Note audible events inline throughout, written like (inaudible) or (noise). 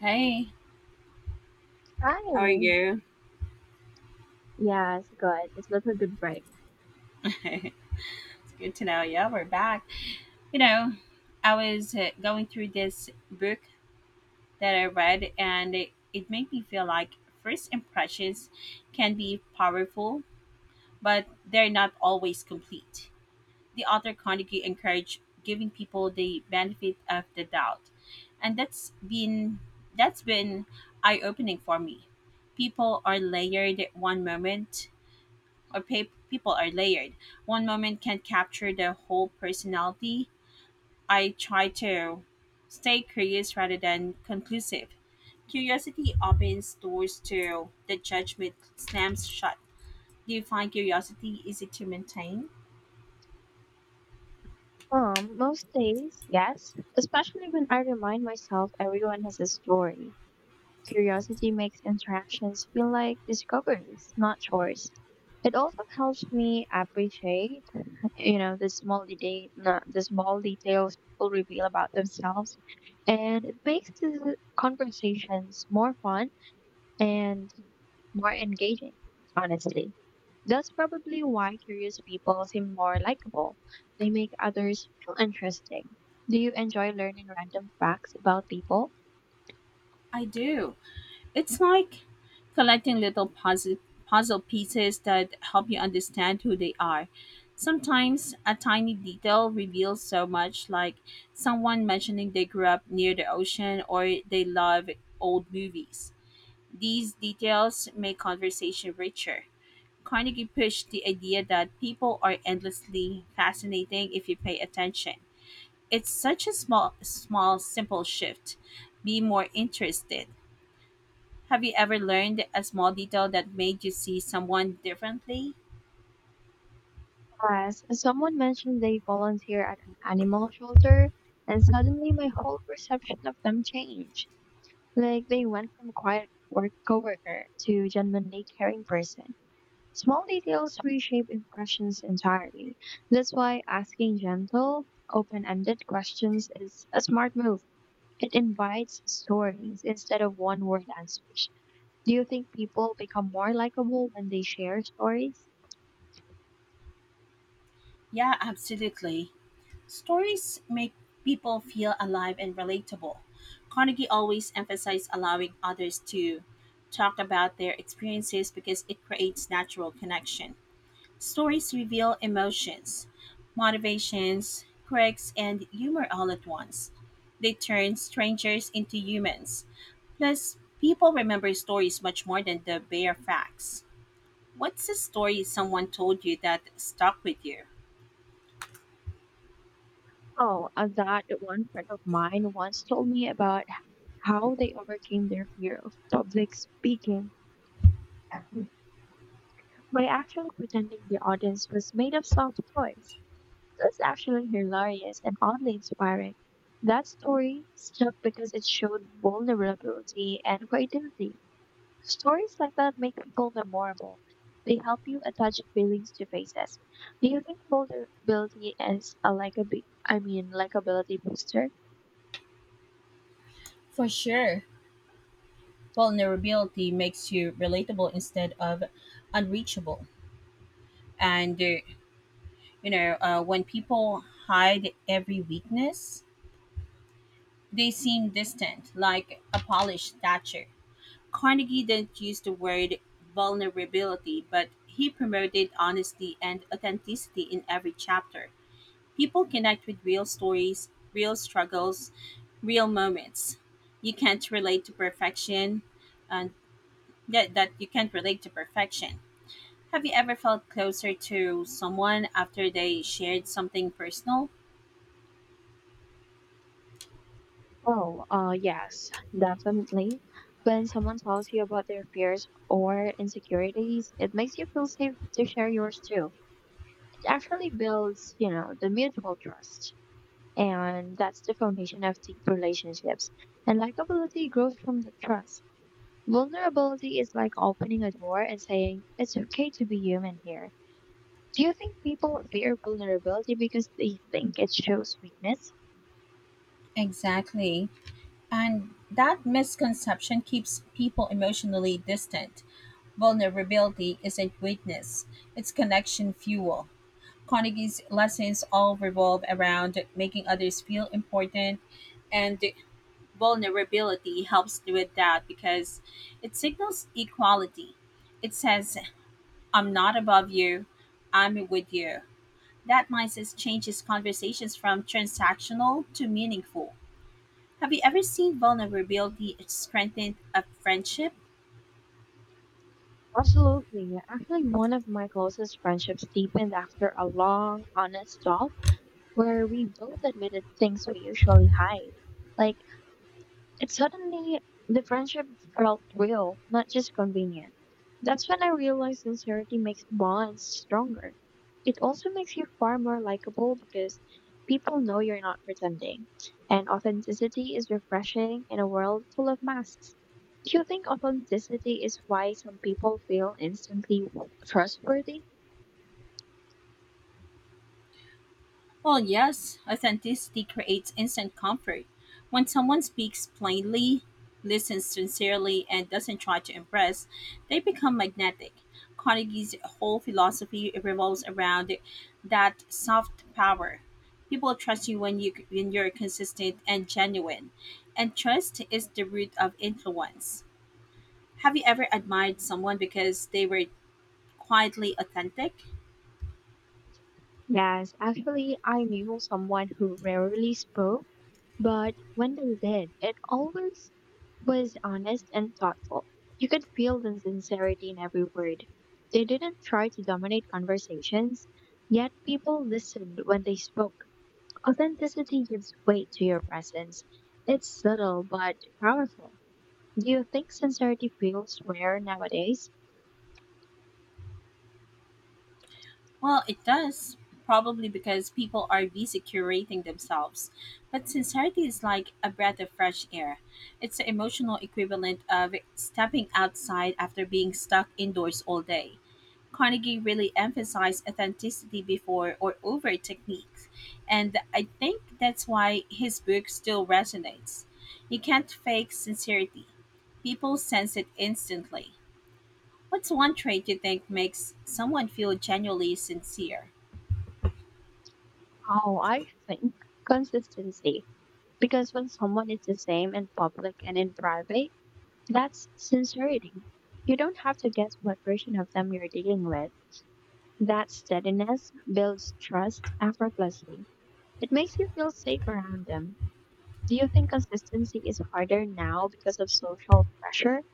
Hey, how are Hi. you? Yes, good. It was a little good break. (laughs) It's good to know. Yeah, we're back. You know, I was going through this book that I read, and it made me feel like first impressions can be powerful, but they're not always complete. The author Carnegie encouraged giving people the benefit of the doubt, and that's been eye opening for me. People are layered one moment or people are layered. One moment can capture the whole personality. I try to stay curious rather than conclusive. Curiosity opens doors to the judgment slams shut. Do you find curiosity easy to maintain? Most days, yes. Especially when I remind myself everyone has a story. Curiosity makes interactions feel like discoveries, not chores. It also helps me appreciate, the small the small details people reveal about themselves, and it makes the conversations more fun and more engaging, honestly. That's probably why curious people seem more likable. They make others feel interesting. Do you enjoy learning random facts about people? I do. It's like collecting puzzle pieces that help you understand who they are. Sometimes a tiny detail reveals so much, like someone mentioning they grew up near the ocean or they love old movies. These details make conversation richer. Carnegie pushed the idea that people are endlessly fascinating if you pay attention. It's such a small, simple shift. Be more interested. Have you ever learned a small detail that made you see someone differently? Yes. Someone mentioned they volunteer at an animal shelter, and suddenly my whole perception of them changed. Like they went from quiet work coworker to genuinely caring person. Small details reshape impressions entirely. That's why asking gentle, open ended questions is a smart move. It invites stories instead of one word answers. Do you think people become more likable when they share stories? Yeah, absolutely. Stories make people feel alive and relatable. Carnegie always emphasized allowing others to talk about their experiences because it creates natural connection. Stories reveal emotions, motivations, quirks, and humor all at once. They turn strangers into humans. Plus, people remember stories much more than the bare facts. What's the story someone told you that stuck with you? Oh, that one friend of mine once told me about how they overcame their fear of public speaking by actually pretending the audience was made of soft toys. That's actually hilarious and oddly inspiring. That story stuck because it showed vulnerability and creativity. Stories like that make people memorable. They help you attach feelings to faces. Do you think vulnerability is a I mean, likability booster? For sure, vulnerability makes you relatable instead of unreachable. And, uh, when people hide every weakness, they seem distant, like a polished statue. Carnegie didn't use the word vulnerability, but he promoted honesty and authenticity in every chapter. People connect with real stories, real struggles, real moments. You can't relate to perfection, and that, that you can't relate to perfection. Have you ever felt closer to someone after they shared something personal? Oh, yes, definitely. When someone tells you about their fears or insecurities, it makes you feel safe to share yours too. It actually builds, you know, the mutual trust. And that's the foundation of deep relationships. And likability grows from the trust. Vulnerability is like opening a door and saying, it's okay to be human here. Do you think people fear vulnerability because they think it shows weakness? Exactly. And that misconception keeps people emotionally distant. Vulnerability isn't weakness, it's connection fuel. Carnegie's lessons all revolve around making others feel important, and vulnerability helps with that because it signals equality. It says, I'm not above you, I'm with you. That mindset changes conversations from transactional to meaningful. Have you ever seen vulnerability strengthen a friendship? Absolutely. Actually, one of my closest friendships deepened after a long, honest talk where we both admitted things we usually hide. Like, And suddenly, the friendship felt real, not just convenient. That's when I realized sincerity makes bonds stronger. It also makes you far more likable because people know you're not pretending. And authenticity is refreshing in a world full of masks. Do you think authenticity is why some people feel instantly trustworthy? Well, yes, authenticity creates instant comfort. When someone speaks plainly, listens sincerely, and doesn't try to impress, they become magnetic. Carnegie's whole philosophy revolves around that soft power. People trust you when you're consistent and genuine, and trust is the root of influence. Have you ever admired someone because they were quietly authentic? Yes, actually, I knew someone who rarely spoke. But when they did, it always was honest and thoughtful. You could feel the sincerity in every word. They didn't try to dominate conversations, yet people listened when they spoke. Authenticity gives weight to your presence. It's subtle but powerful. Do you think sincerity feels rare nowadays? Well, it does, probably because people are busy curating themselves. But sincerity is like a breath of fresh air. It's the emotional equivalent of stepping outside after being stuck indoors all day. Carnegie really emphasized authenticity before or over techniques, and I think that's why his book still resonates. You can't fake sincerity. People sense it instantly. What's one trait you think makes someone feel genuinely sincere? Oh, I think consistency. Because when someone is the same in public and in private, that's sincerity. You don't have to guess what version of them you're dealing with. That steadiness builds trust effortlessly. It makes you feel safe around them. Do you think consistency is harder now because of social pressure?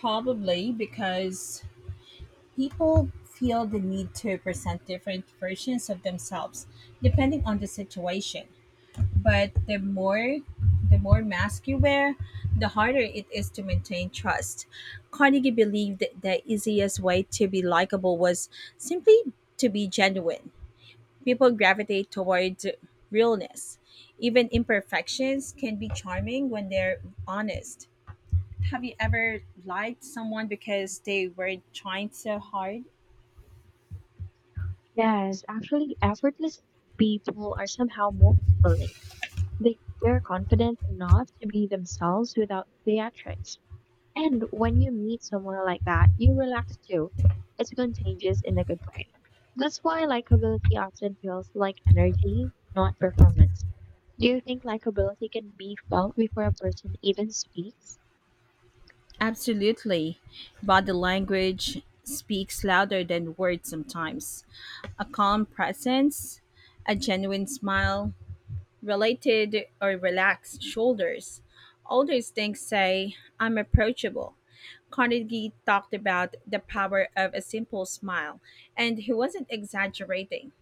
Probably because people feel the need to present different versions of themselves depending on the situation. But the more mask you wear, the harder it is to maintain trust. Carnegie believed that the easiest way to be likable was simply to be genuine. People gravitate towards realness. Even imperfections can be charming when they're honest. Have you ever lied to someone because they were trying so hard? Yes, actually, effortless people are somehow more fulfilling. They're confident enough to be themselves without theatrics. And when you meet someone like that, you relax too. It's contagious in a good way. That's why likability often feels like energy, not performance. Do you think likability can be felt before a person even speaks? Absolutely. Body language speaks louder than words sometimes. A calm presence, a genuine smile, related or relaxed shoulders. All those things say, I'm approachable. Carnegie talked about the power of a simple smile, and he wasn't exaggerating.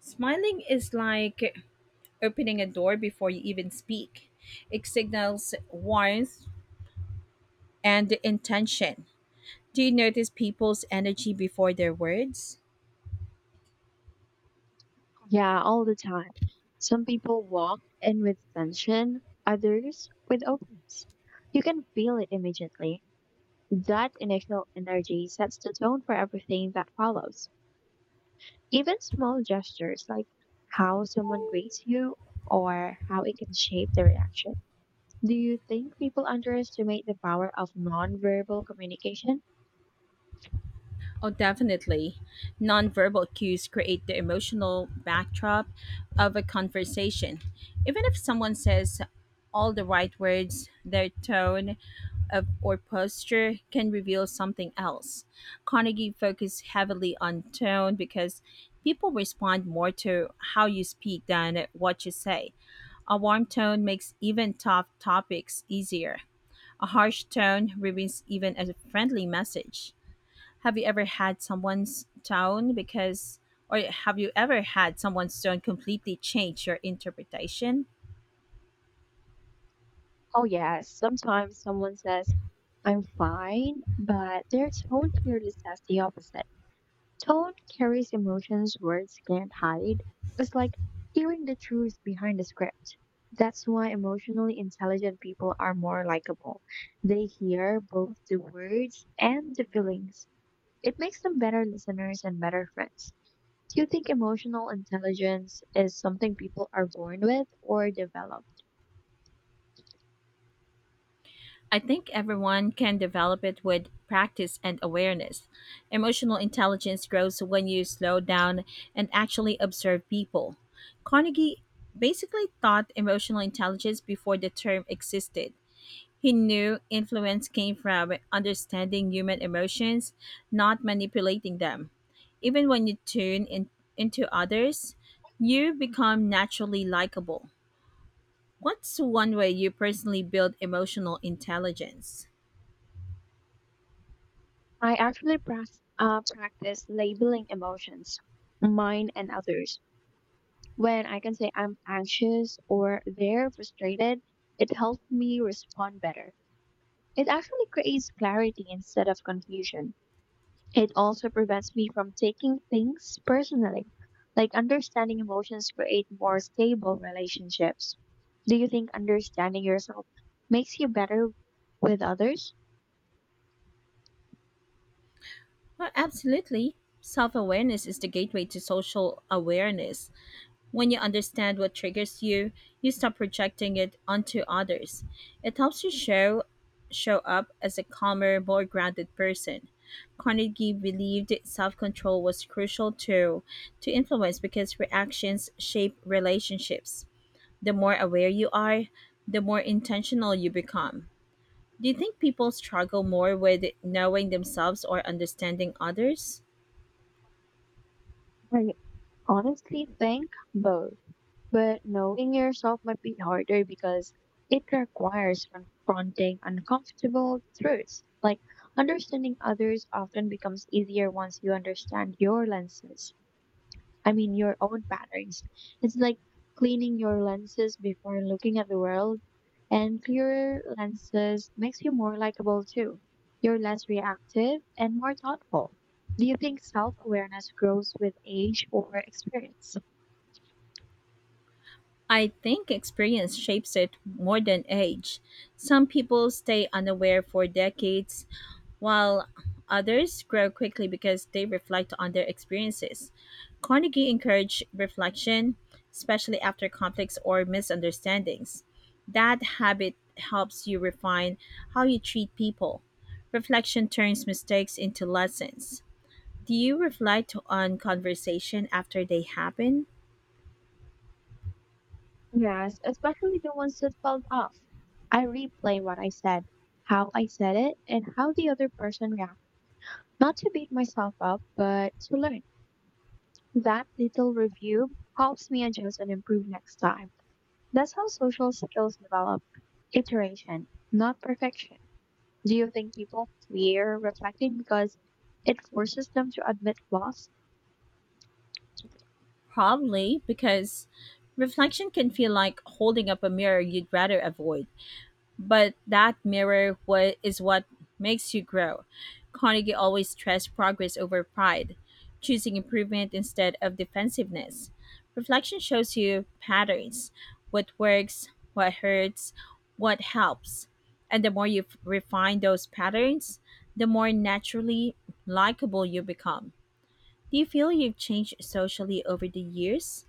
Smiling is like opening a door before you even speak. It signals warmth and intention. Do you notice people's energy before their words? Yeah, all the time. Some people walk in with tension, others with openness. You can feel it immediately. That initial energy sets the tone for everything that follows. Even small gestures like how someone greets you or how it can shape the reaction. Do you think people underestimate the power of nonverbal communication? Oh, definitely. Nonverbal cues create the emotional backdrop of a conversation. Even if someone says all the right words, their tone of, or posture can reveal something else. Carnegie focused heavily on tone because people respond more to how you speak than what you say. A warm tone makes even tough topics easier. A harsh tone ruins even a friendly message. Have you ever had someone's tone because or have you ever had someone's tone completely change your interpretation? Oh, yes. Sometimes someone says, I'm fine, but their tone clearly says the opposite. Tone carries emotions words can't hide. It's like hearing the truth behind the script. That's why emotionally intelligent people are more likable. They hear both the words and the feelings. It makes them better listeners and better friends. Do you think emotional intelligence is something people are born with or developed? I think everyone can develop it with practice and awareness. Emotional intelligence grows when you slow down and actually observe people. Carnegie basically taught emotional intelligence before the term existed. He knew influence came from understanding human emotions, not manipulating them. Even when you into others, you become naturally likable. What's one way you personally build emotional intelligence? I actually practice labeling emotions, mine and others. When I can say I'm anxious or they're frustrated, it helps me respond better. It actually creates clarity instead of confusion. It also prevents me from taking things personally. Like understanding emotions create more stable relationships. Do you think understanding yourself makes you better with others? Well, absolutely. Self awareness is the gateway to social awareness. When you understand what triggers you, you stop projecting it onto others. It helps you show up as a calmer, more grounded person. Carnegie believed self-control was crucial to influence because reactions shape relationships. The more aware you are, the more intentional you become. Do you think people struggle more with knowing themselves or understanding others? I honestly think both. But knowing yourself might be harder because it requires confronting uncomfortable truths. Like understanding others often becomes easier once you understand your lenses. I mean, your own patterns. It's like cleaning your lenses before looking at the world, and clearer lenses makes you more likable too. You're less reactive and more thoughtful. Do you think self awareness grows with age or experience? I think experience shapes it more than age. Some people stay unaware for decades, while others grow quickly because they reflect on their experiences. Carnegie encouraged reflection, especially after conflicts or misunderstandings. That habit helps you refine how you treat people. Reflection turns mistakes into lessons. Do you reflect on conversation after they happen? Yes, especially the ones that felt off. I replay what I said, how I said it, and how the other person reacted. Not to beat myself up, but to learn. That little review helps me adjust and improve next time. That's how social skills develop iteration, not perfection. Do you think people fear reflecting because it forces them to admit flaws? Probably because reflection can feel like holding up a mirror you'd rather avoid. But that mirror what makes you grow. Carnegie always stressed progress over pride, choosing improvement instead of defensiveness. Reflection shows you patterns, what works, what hurts, what helps. And the more you refine those patterns, the more naturally likable you become. Do you feel you've changed socially over the years?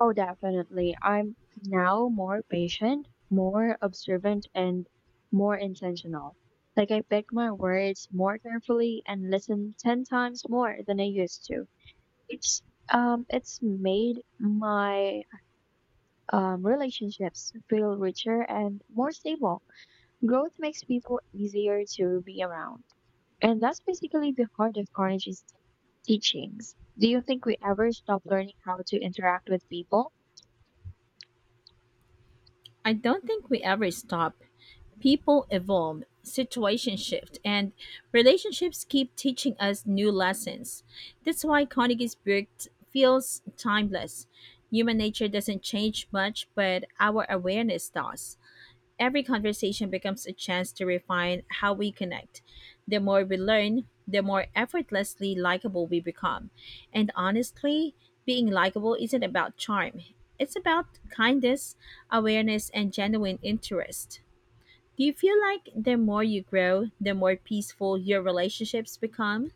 Oh, definitely. I'm now more patient, more observant, and more intentional. Like, I pick my words more carefully and listen 10 times more than I used to. It's it's made my relationships feel richer and more stable. Growth makes people easier to be around. And that's basically the heart of Carnegie's teachings. Do you think we ever stop learning how to interact with people? I don't think we ever stop. People evolve, situations shift, and relationships keep teaching us new lessons. That's why Carnegie's book feels timeless. Human nature doesn't change much, but our awareness does. Every conversation becomes a chance to refine how we connect. The more we learn, the more effortlessly likable we become. And honestly, being likable isn't about charm, it's about kindness, awareness, and genuine interest. Do you feel like the more you grow, the more peaceful your relationships become?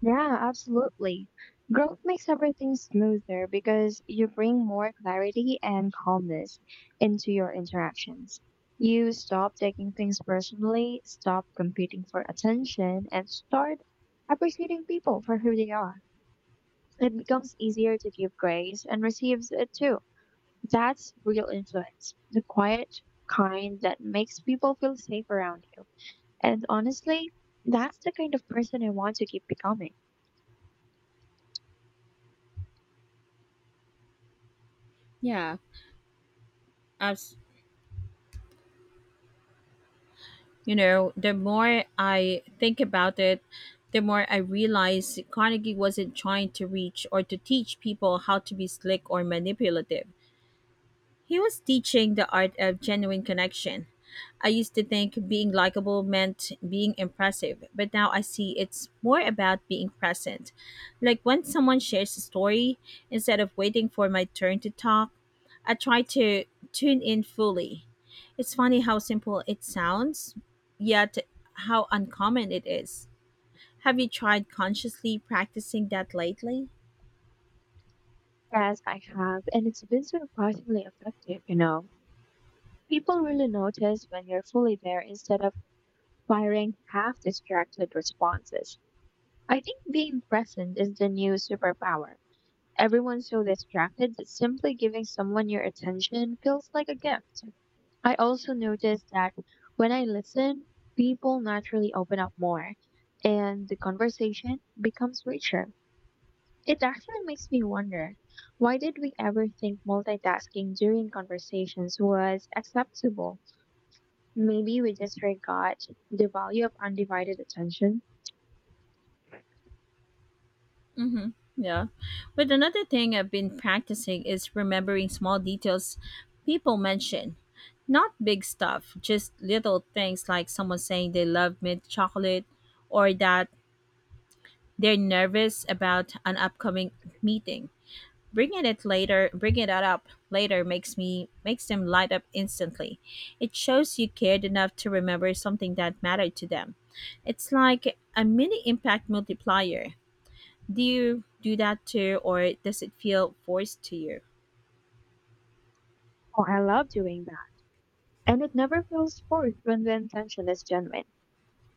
Yeah, absolutely. Growth makes everything smoother because you bring more clarity and calmness into your interactions. You stop taking things personally, stop competing for attention, and start appreciating people for who they are. It becomes easier to give grace and receives it too. That's real influence, the quiet kind that makes people feel safe around you. And honestly, that's the kind of person I want to keep becoming. Yeah. You know, the more I think about it, the more I realize Carnegie wasn't trying to reach or to teach people how to be slick or manipulative. He was teaching the art of genuine connection. I used to think being likable meant being impressive, but now I see it's more about being present. Like when someone shares a story, instead of waiting for my turn to talk, I try to tune in fully. It's funny how simple it sounds, yet how uncommon it is. Have you tried consciously practicing that lately? Yes, I have, and it's been surprisingly effective, you know. People really notice when you're fully there instead of firing half distracted responses. I think being present is the new superpower. Everyone's so distracted that simply giving someone your attention feels like a gift. I also noticed that when I listen, people naturally open up more and the conversation becomes richer. It actually makes me wonder, why did we ever think multitasking during conversations was acceptable? Maybe we just forgot the value of undivided attention. Mm-hmm. Yeah. But another thing I've been practicing is remembering small details people mention. Not big stuff, just little things like someone saying they love mint chocolate or that they're nervous about an upcoming meeting. Bringing that up later makes them light up instantly. It shows you cared enough to remember something that mattered to them. It's like a mini impact multiplier. Do you do that too, or does it feel forced to you? Oh, I love doing that. And it never feels forced when the intention is genuine.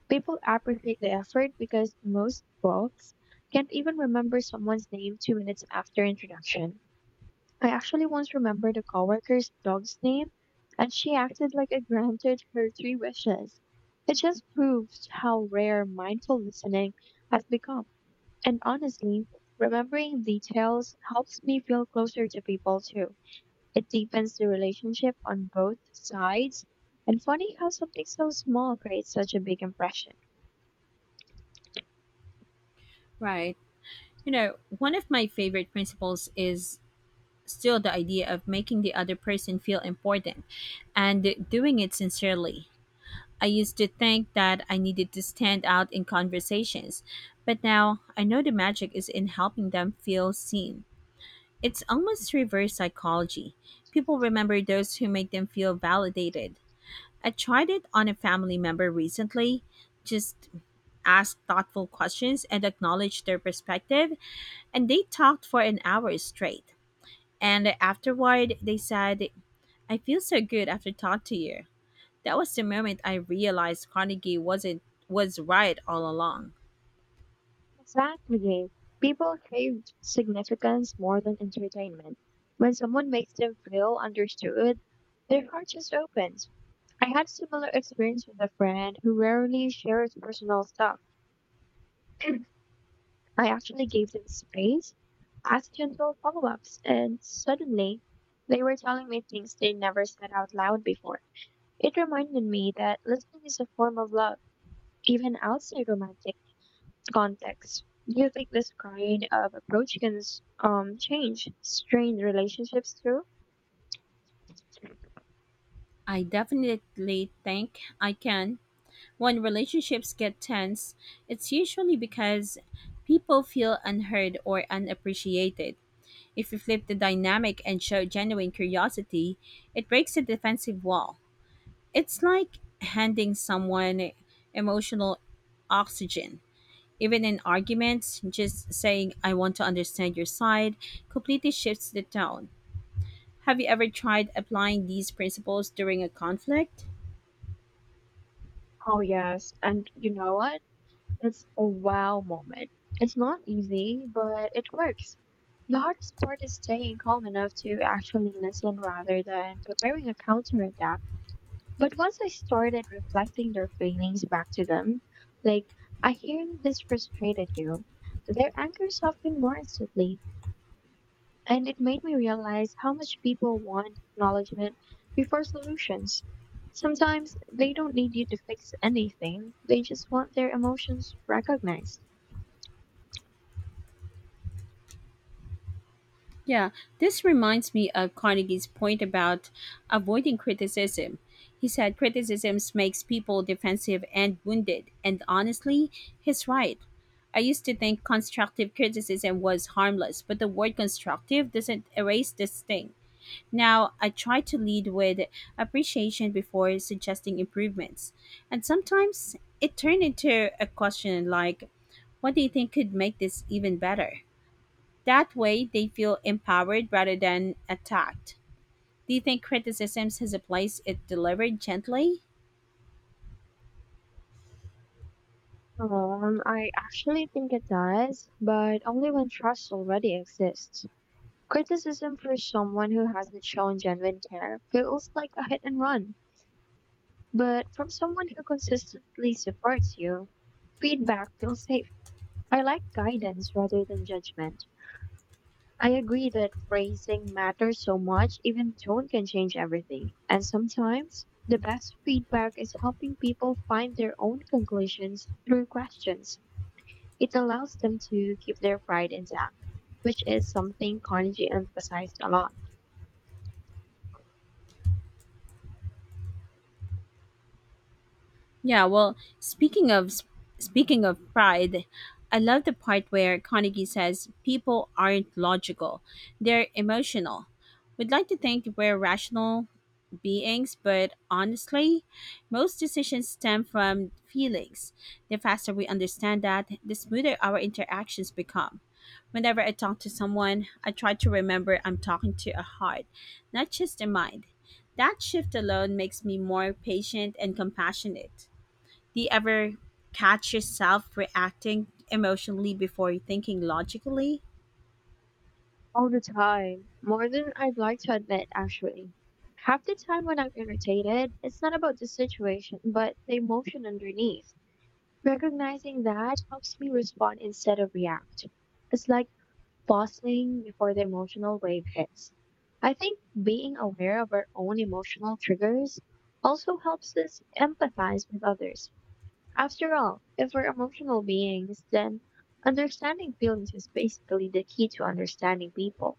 People appreciate the effort because most folks can't even remember someone's name 2 minutes after introduction. I actually once remembered a coworker's dog's name, and she acted like I granted her three wishes. It just proves how rare mindful listening has become. And honestly, remembering details helps me feel closer to people too. It deepens the relationship on both sides. And funny how something so small creates such a big impression. Right. You know, one of my favorite principles is still the idea of making the other person feel important and doing it sincerely. I used to think that I needed to stand out in conversations, but now I know the magic is in helping them feel seen. It's almost reverse psychology. People remember those who make them feel validated. I tried it on a family member recently, just asked thoughtful questions and acknowledged their perspective, and they talked for an hour straight. And afterward, they said, I feel so good after talking to you. That was the moment I realized Carnegie wasn't was right all along. Exactly. People crave significance more than entertainment. When someone makes them feel understood, their heart just opens. I had a similar experience with a friend who rarely shares personal stuff. (clears throat) I actually gave them space, asked gentle follow ups, and suddenly they were telling me things they never said out loud before. It reminded me that listening is a form of love, even outside romantic context. Do you think this kind of approach can change strained relationships too? I definitely think I can. When relationships get tense, it's usually because people feel unheard or unappreciated. If you flip the dynamic and show genuine curiosity, it breaks the defensive wall. It's like handing someone emotional oxygen. Even in arguments, just saying, I want to understand your side, completely shifts the tone. Have you ever tried applying these principles during a conflict? Oh, yes. And you know what? It's a wow moment. It's not easy, but it works. The hardest part is staying calm enough to actually listen rather than preparing a counterattack. But once I started reflecting their feelings back to them, like, I hear that this frustrated you, their anger softened more instantly. And it made me realize how much people want acknowledgement before solutions. Sometimes they don't need you to fix anything, they just want their emotions recognized. Yeah, this reminds me of Carnegie's point about avoiding criticism. He said criticisms makes people defensive and wounded, and honestly, he's right. I used to think constructive criticism was harmless, but the word constructive doesn't erase this thing. Now, I try to lead with appreciation before suggesting improvements. And sometimes it turned into a question like, what do you think could make this even better? That way, they feel empowered rather than attacked. Do you think criticism has a place It delivered gently? I actually think it does, but only when trust already exists. Criticism for someone who hasn't shown genuine care feels like a hit and run, but from someone who consistently supports you, feedback feels safe. I like guidance rather than judgment. I agree that phrasing matters so much, even tone can change everything. And sometimes the best feedback is helping people find their own conclusions through questions. It allows them to keep their pride intact, which is something Carnegie emphasized a lot. Yeah, well, speaking of pride, I love the part where Carnegie says people aren't logical; they're emotional. We'd like to think we're rational beings, but honestly, most decisions stem from feelings. The faster we understand that, the smoother our interactions become. Whenever I talk to someone, I try to remember I'm talking to a heart, not just a mind. That shift alone makes me more patient and compassionate. Do you ever catch yourself reacting emotionally before thinking logically? All the time. More than I'd like to admit, actually. Half the time when I'm irritated, it's not about the situation, but the emotion underneath. Recognizing that helps me respond instead of react. It's like pausing before the emotional wave hits. I think being aware of our own emotional triggers also helps us empathize with others. After all, if we're emotional beings, then understanding feelings is basically the key to understanding people.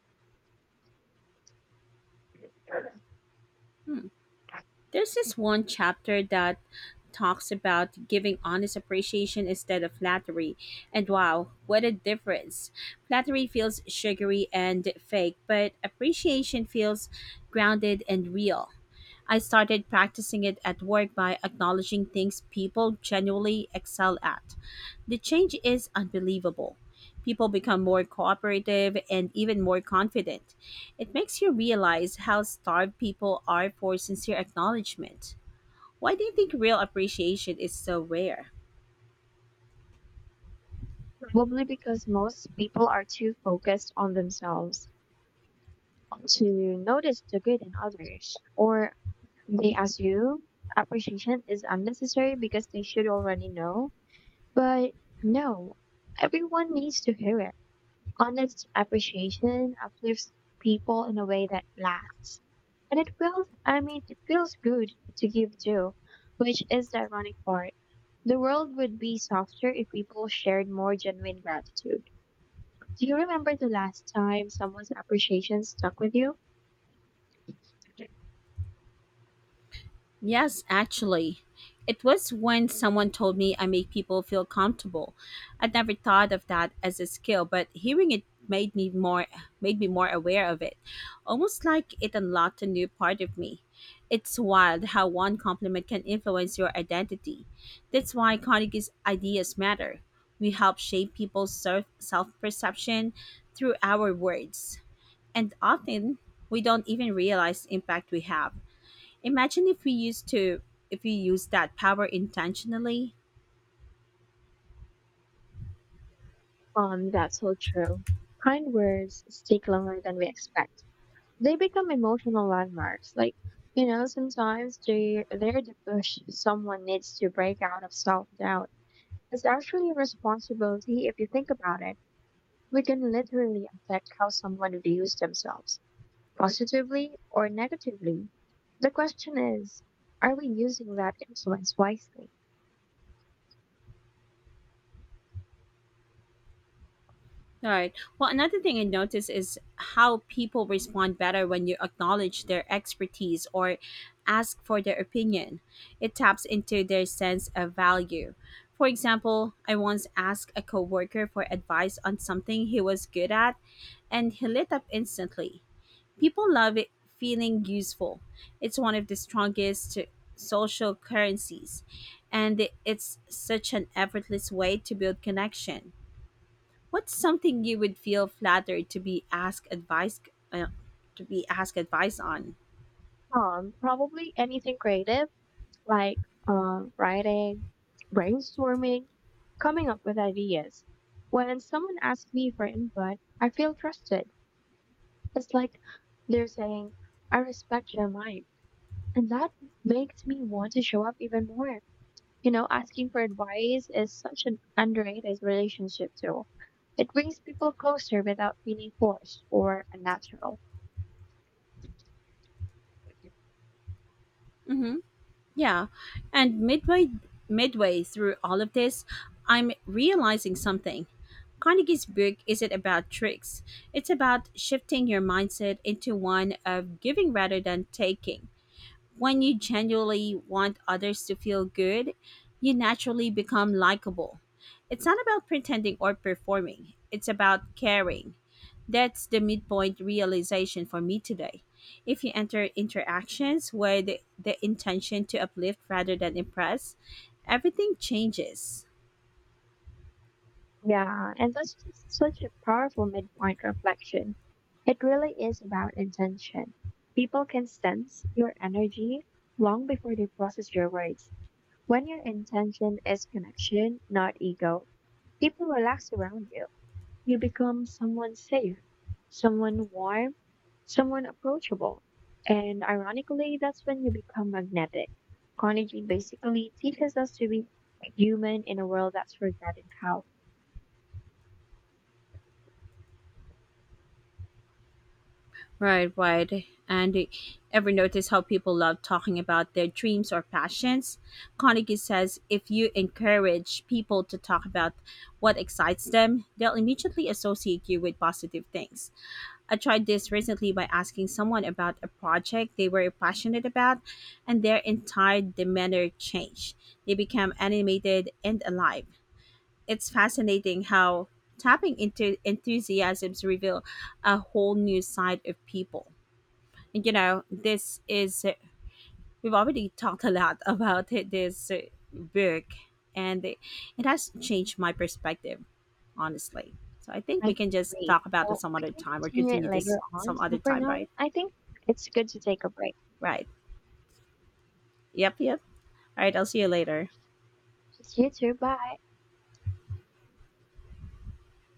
There's this one chapter that talks about giving honest appreciation instead of flattery. And wow, what a difference. Flattery feels sugary and fake, but appreciation feels grounded and real. I started practicing it at work by acknowledging things people genuinely excel at. The change is unbelievable. People become more cooperative and even more confident. It makes you realize how starved people are for sincere acknowledgement. Why do you think real appreciation is so rare? Probably because most people are too focused on themselves to notice the good in others, or they assume appreciation is unnecessary because they should already know. But no, everyone needs to hear it. Honest appreciation uplifts people in a way that lasts. And it I mean, it feels good to give too, which is the ironic part. The world would be softer if people shared more genuine gratitude. Do you remember the last time someone's appreciation stuck with you? Yes, actually. It was when someone told me I make people feel comfortable. I'd never thought of that as a skill, but hearing it made me more aware of it. Almost like it unlocked a new part of me. It's wild how one compliment can influence your identity. That's why Carnegie's ideas matter. We help shape people's self perception through our words. And often we don't even realize the impact we have. Imagine if we use that power intentionally. That's so true. Kind words stick longer than we expect. They become emotional landmarks. Like, you know, sometimes they're the push someone needs to break out of self doubt. It's actually a responsibility if you think about it. We can literally affect how someone views themselves, positively or negatively. The question is, are we using that influence wisely? All right. Well, another thing I noticed is how people respond better when you acknowledge their expertise or ask for their opinion. It taps into their sense of value. For example, I once asked a coworker for advice on something he was good at, and he lit up instantly. People love it feeling useful. It's one of the strongest social currencies, and it's such an effortless way to build connection. What's something you would feel flattered to be asked advice uh, on? Probably anything creative, like writing, brainstorming, coming up with ideas. When someone asks me for input, I feel trusted. It's like they're saying, I respect your mind. And that makes me want to show up even more. You know, asking for advice is such an underrated relationship tool. It brings people closer without feeling forced or unnatural. Hmm. Yeah, and midway through all of this, I'm realizing something. Carnegie's book isn't about tricks. It's about shifting your mindset into one of giving rather than taking. When you genuinely want others to feel good, you naturally become likable. It's not about pretending or performing, it's about caring. That's the midpoint realization for me today. If you enter interactions with the intention to uplift rather than impress, everything changes. Yeah, and that's just such a powerful midpoint reflection. It really is about intention. People can sense your energy long before they process your words. When your intention is connection, not ego, people relax around you. You become someone safe, someone warm, someone approachable. And ironically, that's when you become magnetic. Carnegie basically teaches us to be human in a world that's forgotten how. Right. And ever notice how people love talking about their dreams or passions? Carnegie says if you encourage people to talk about what excites them, they'll immediately associate you with positive things. I tried this recently by asking someone about a project they were passionate about, and their entire demeanor changed. They became animated and alive. It's fascinating how tapping into enthusiasms reveal a whole new side of people. You know, this is, we've already talked a lot about (laughs) it, this book, and it has changed my perspective, honestly. So I think I we can just agree. talk about it Well, some we other can time or continue it continue later this on. some So other for time, now, right? I think it's good to take a break. Right. Yep. All right, I'll see you later. You too. Bye.